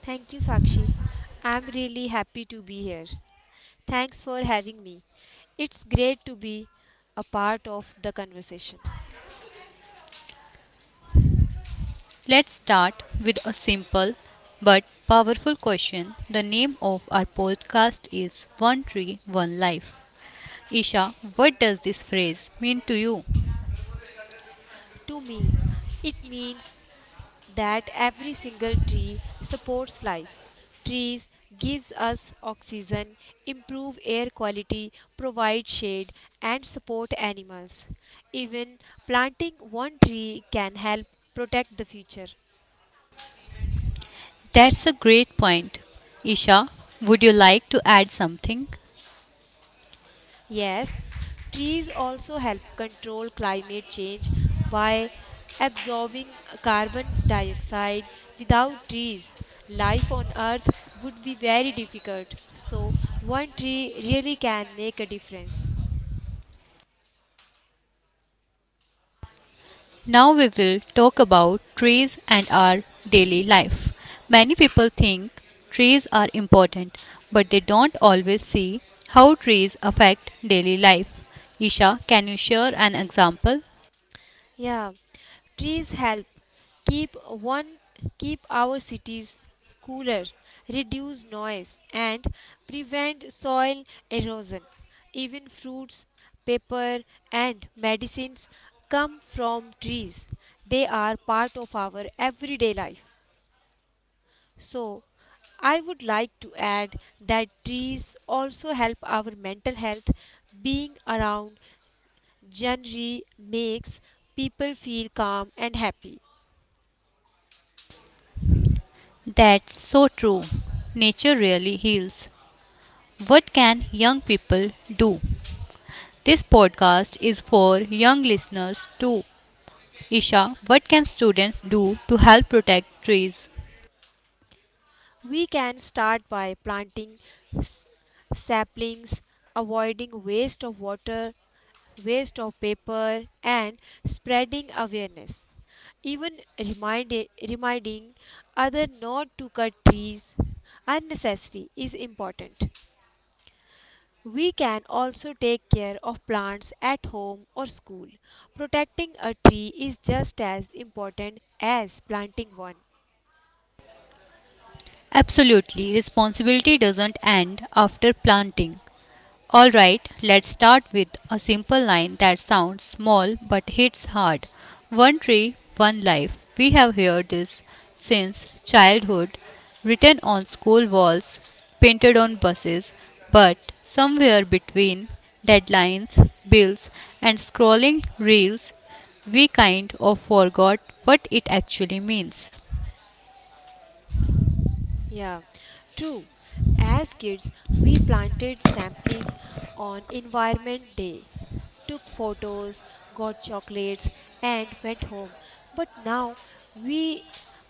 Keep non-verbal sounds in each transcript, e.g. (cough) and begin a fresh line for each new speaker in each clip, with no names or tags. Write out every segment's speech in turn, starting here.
Thank you, Sakshi. I'm really happy to be here. Thanks for having me. It's great to be a part of the conversation.
Let's start with a simple but powerful question. The name of our podcast is One Tree, One Life. Isha, what does this phrase mean to you?
To me, it means that every single tree supports life. Trees gives us oxygen, improve air quality, provide shade and support animals. Even planting one tree can help protect the future.
That's a great point. Isha, would you like to add something?
Yes, trees also help control climate change by absorbing carbon dioxide. Without trees, life on Earth would be very difficult. So, one tree really can make a difference.
Now we will talk about trees and our daily life. Many people think trees are important, but they don't always see how trees affect daily life. Isha, can you share an example?
Yeah, trees help keep one keep our cities cooler, reduce noise and prevent soil erosion. Even fruits, paper and medicines come from trees. They are part of our everyday life. So, I would like to add that trees also help our mental health. Being around greenery makes people feel calm and happy.
That's so true. Nature really heals. What can young people do? This podcast is for young listeners too. Isha, what can students do to help protect trees?
We can start by planting s- saplings, avoiding waste of water, waste of paper, and spreading awareness. Even reminding other not to cut trees unnecessary is important. We can also take care of plants at home or school. Protecting a tree is just as important as planting one.
Absolutely, responsibility doesn't end after planting. Alright, let's start with a simple line that sounds small but hits hard. One tree, one life. We have heard this since childhood, written on school walls, painted on buses, but somewhere between deadlines, bills, and scrolling reels, we kind of forgot what it actually means.
Yeah, true. As kids, we planted sampling on Environment Day, took photos, got chocolates, and went home. But now, we,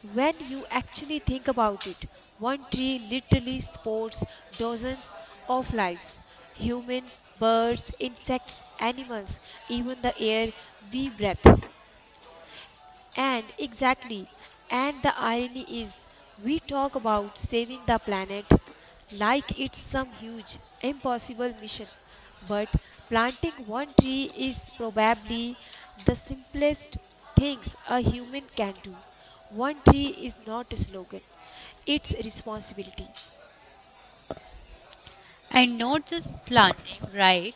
when you actually think about it, one tree literally supports dozens of lives humans, birds, insects, animals, even the air we breathe. And exactly, and the irony is, we talk about saving the planet like it's some huge, impossible mission. But planting
Planting
one
a
tree is
tree is
probably
probably
the
the
simplest
simplest
things
things
a
a human
human
can
can do.
do.
One
A
tree
tree
is
is
not a
not
slogan,
small,
it's
it's
responsibility.
responsibility. And not just planting, right?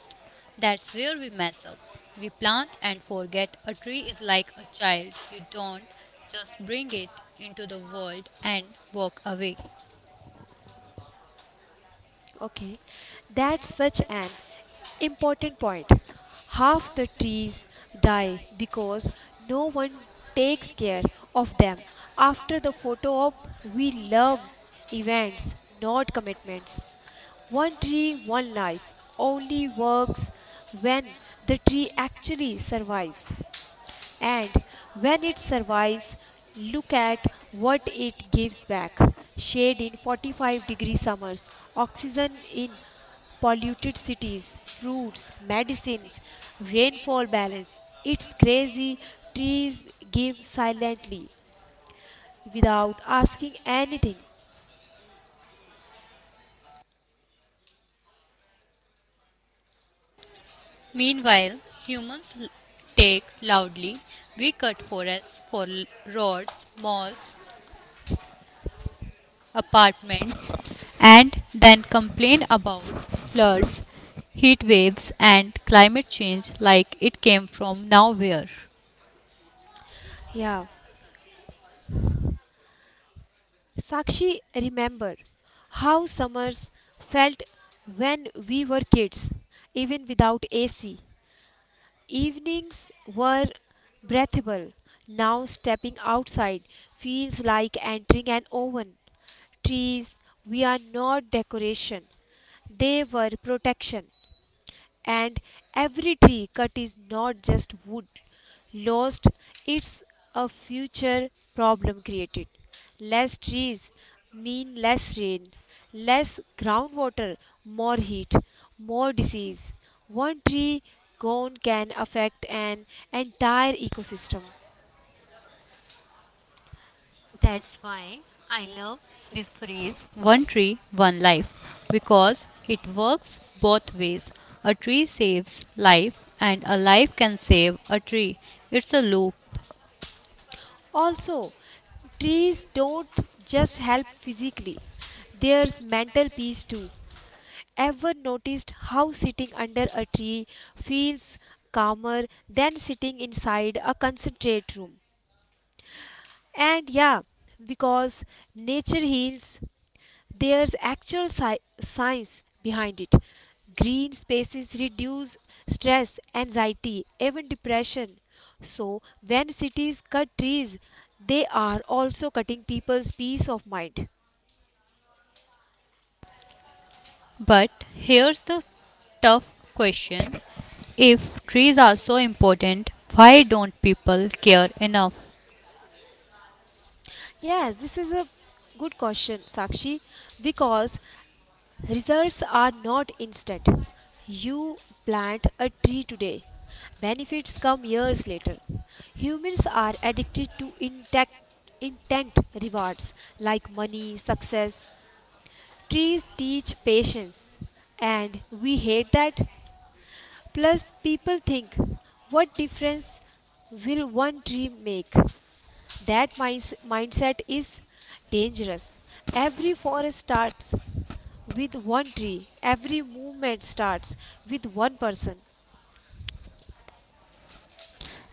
That's where we mess up. We plant and forget a tree is like a child. You don't just bring it into the world and walk away.
Okay, that's such an important point. Half the trees die because no one takes care of them. After the photo op, we love events, not commitments. One tree, one life only works when the tree actually survives. And when it survives, look at what it gives back. Shade in 45-degree summers, oxygen in polluted cities, fruits, medicines, rainfall balance. It's crazy. Trees
Trees
give silently without
without
asking
asking
anything.
anything. Meanwhile, humans take loudly. We cut forests for roads, malls, apartments and then complain about floods, heat waves, and climate change like it came from nowhere.
Yeah. Sakshi, remember how summers felt when we were kids, even without AC. Evenings were breathable. Now stepping outside feels like entering an oven. Trees, we are not decoration. They were protection. And every tree cut is not just wood lost, it's a future problem created. Less trees mean less rain, less groundwater, more heat, more disease. One tree gone can affect an entire ecosystem.
That's why I love this phrase one tree, one life because it works both ways. A tree saves life, and a life can save a tree. It's a loop.
Also, trees don't just help physically, there's mental peace too. Ever noticed how sitting under a tree feels calmer than sitting inside a concentrate room? And yeah, because nature heals, there's actual science behind it. Green spaces reduce stress, anxiety, even depression. So, when cities cut trees, they are also cutting people's peace of mind.
But here's the tough question if trees are so important, why don't people care enough?
Yes, this is a good question, Sakshi, because results are not instant. You plant a tree today, benefits come years later. Humans are addicted to intent rewards like money, success. Trees teach patience, and we hate that. Plus, people think, what difference will one tree make? That mindset is dangerous. Every forest starts with one tree, every movement starts with one person.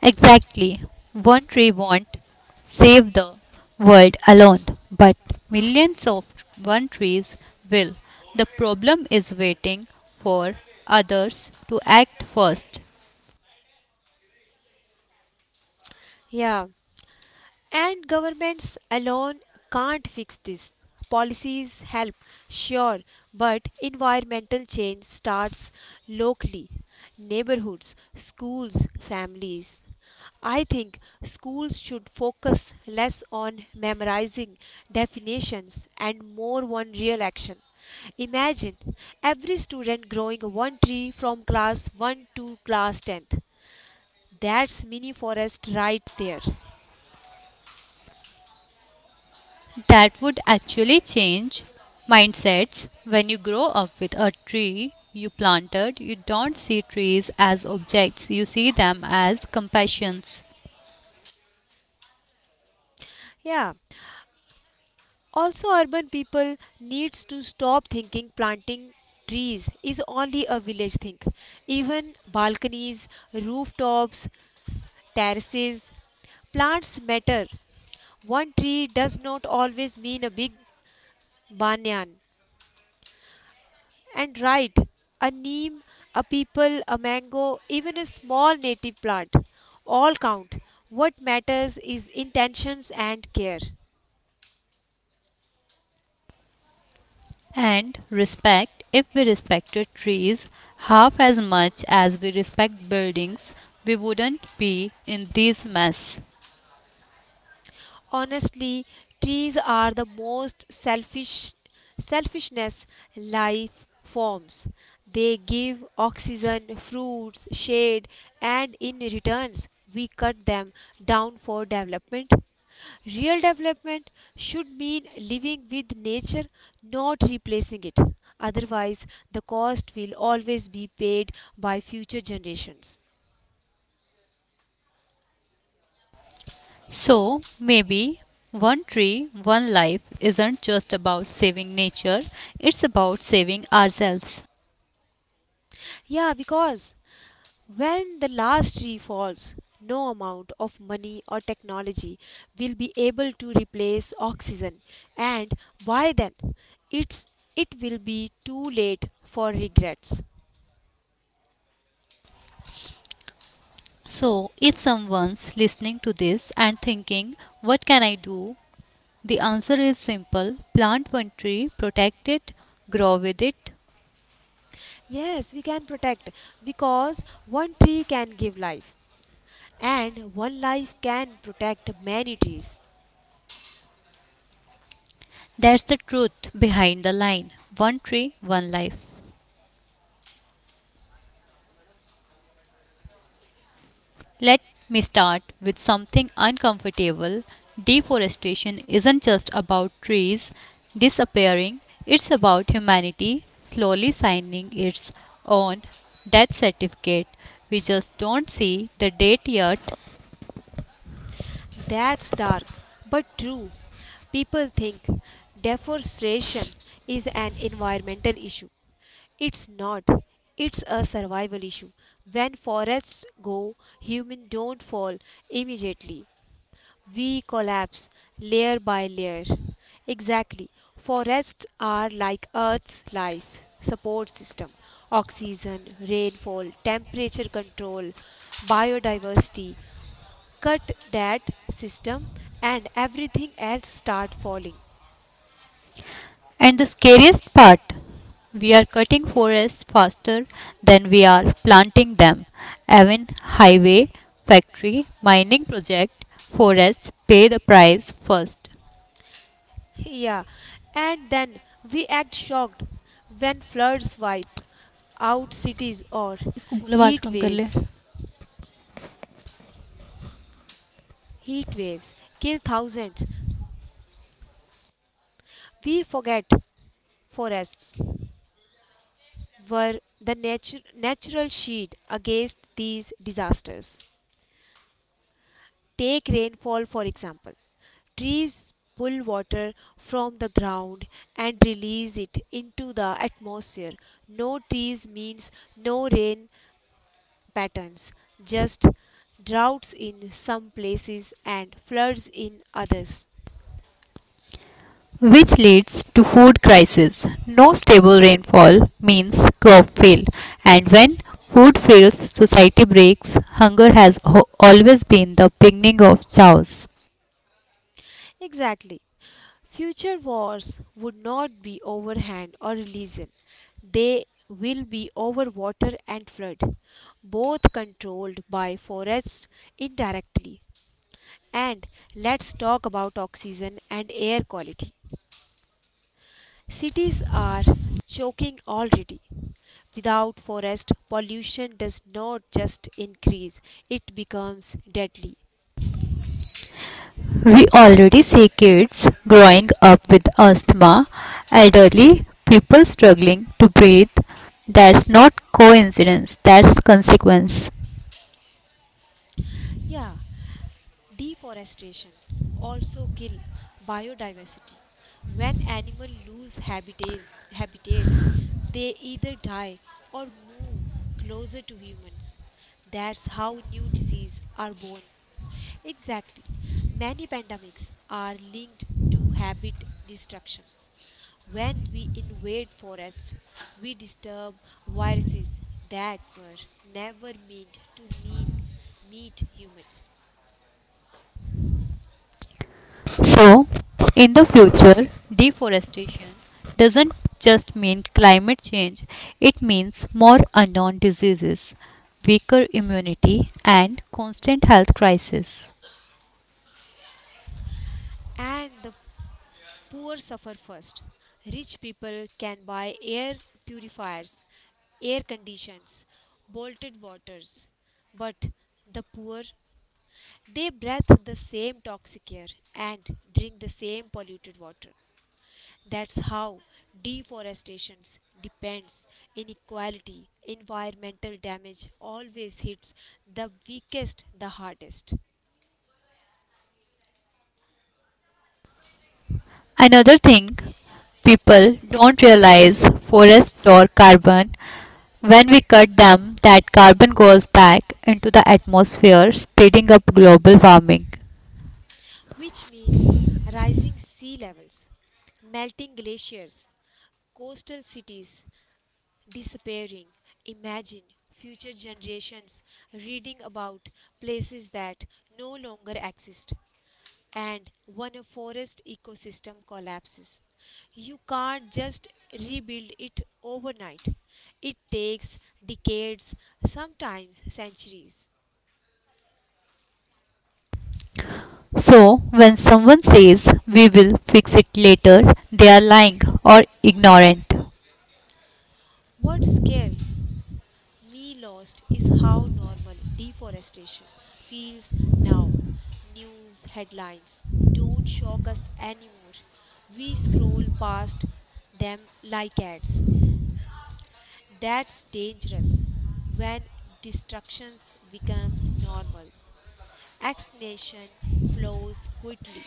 Exactly. One tree won't save the world alone, but millions of one trees will. The problem is waiting for others to act first.
Yeah. And governments alone can't fix this. Policies help, sure, but environmental change starts locally neighborhoods, schools, families. I think schools should focus less on memorizing definitions and more on real action. Imagine every student growing one tree from class 1 to class 10th. That's mini forest right there.
That would actually change mindsets. When you grow up with a tree you planted, you don't see trees as objects, you see them as compassions.
Yeah, also urban people needs to stop thinking planting trees is only a village thing. Even balconies, rooftops, terraces, plants matter. One tree does not always mean a big banyan. And right, a neem, a peepal, a mango, even a small native plant all count. What matters is intentions and care.
And respect, if we respected trees half as much as we respect buildings, we wouldn't be in this mess.
Honestly, trees are the most selfishness life forms. They give oxygen, fruits, shade, and in returns we cut them down for development. Real development should mean living with nature, not replacing it. Otherwise, the cost will always be paid by future generations.
So maybe one tree, one life isn't just about saving nature, it's about saving ourselves.
Yeah, because when the last tree falls, no amount of money or technology will be able to replace oxygen, and by then it's it will be too late for regrets.
So if someone's listening to this and thinking, what can I do? The answer is simple plant one tree, protect it, grow with it.
Yes, we can protect because one tree can give life, and one life can protect many trees.
That's the truth behind the line one tree, one life. Let me start with something uncomfortable. Deforestation isn't just about trees disappearing, it's about humanity slowly signing its own death certificate. We just don't see the date yet.
That's dark, but true. People think deforestation is an environmental issue. It's not. It's a survival issue. When forests go, humans don't fall immediately. We collapse layer by layer. Exactly. Forests are like Earth's life support system oxygen, rainfall, temperature control, biodiversity cut that system and everything else start falling
And the scariest part we are cutting forests faster than we are planting them. Even highway, factory, mining project, forests pay the price first.
(laughs) yeah and then we act shocked when floods wipe out cities or
इसको बोलो आवाज
heat
कम कर ले
waves heat waves kill thousands we forget forests were the natural shield against these disasters. Take rainfall for example. Trees pull water from the ground and release it into the atmosphere. No trees means no rain patterns, just droughts in some places and floods in others.
which leads to food crisis. No stable rainfall means crop fail and when food fails society breaks. Hunger has always been the beginning of chaos.
Exactly. Future wars would not be overhand or religion. They will be over water and flood, both controlled by forests indirectly. And let's talk about oxygen and air quality. Cities are choking already. Without forest, pollution does not just increase, it becomes deadly.
We already see kids growing up with asthma, elderly people struggling to breathe. That's not coincidence, that's consequence.
Yeah, deforestation also kill biodiversity. When animals lose habitats, they either die or move closer to humans. That's how new diseases are born. Exactly. Many pandemics are linked to habit destructions. When we invade forests, we disturb viruses that were never meant to mean meet humans.
So, in the future, deforestation doesn't just mean climate change, it means more unknown diseases, weaker immunity, and constant health crisis.
And the poor suffer first. Rich people can buy air purifiers, air conditions, bolted waters, but the poor they breathe the same toxic air and drink the same polluted water. That's how deforestation depends, inequality, environmental damage always hits the weakest the hardest,
Another thing people don't realize forests store carbon. When we cut them, that carbon goes back into the atmosphere, speeding up global warming.
which means rising sea levels melting glaciers Coastal cities disappearing. Imagine future generations reading about places that no longer exist and when a forest ecosystem collapses. You can't just rebuild it overnight. It takes decades, sometimes centuries.
So, when someone says we will fix it later, they are lying or ignorant.
What scares me lost is how normal deforestation feels now. News headlines don't shock us anymore. We scroll past them like ads. That's dangerous when destructions becomes normal. Extinction flows quickly.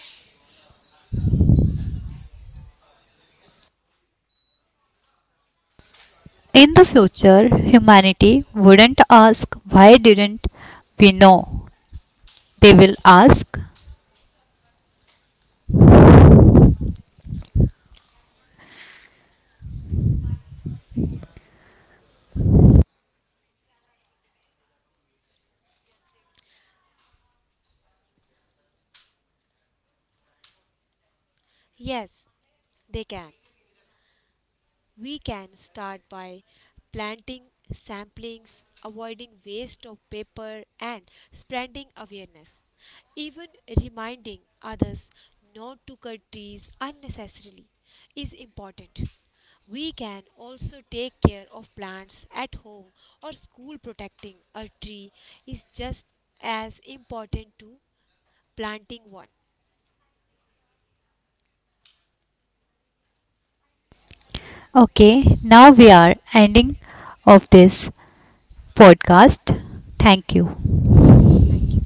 In the future, humanity wouldn't ask, why didn't we know? They will ask,
Yes, they can. We can start by planting samplings, avoiding waste of paper, and spreading awareness. Even reminding others not to cut trees unnecessarily is important. We can also take care of plants at home or school. Protecting a tree is just as important to planting one.
okay, now we are ending of this podcast. Thank you.
Thank you.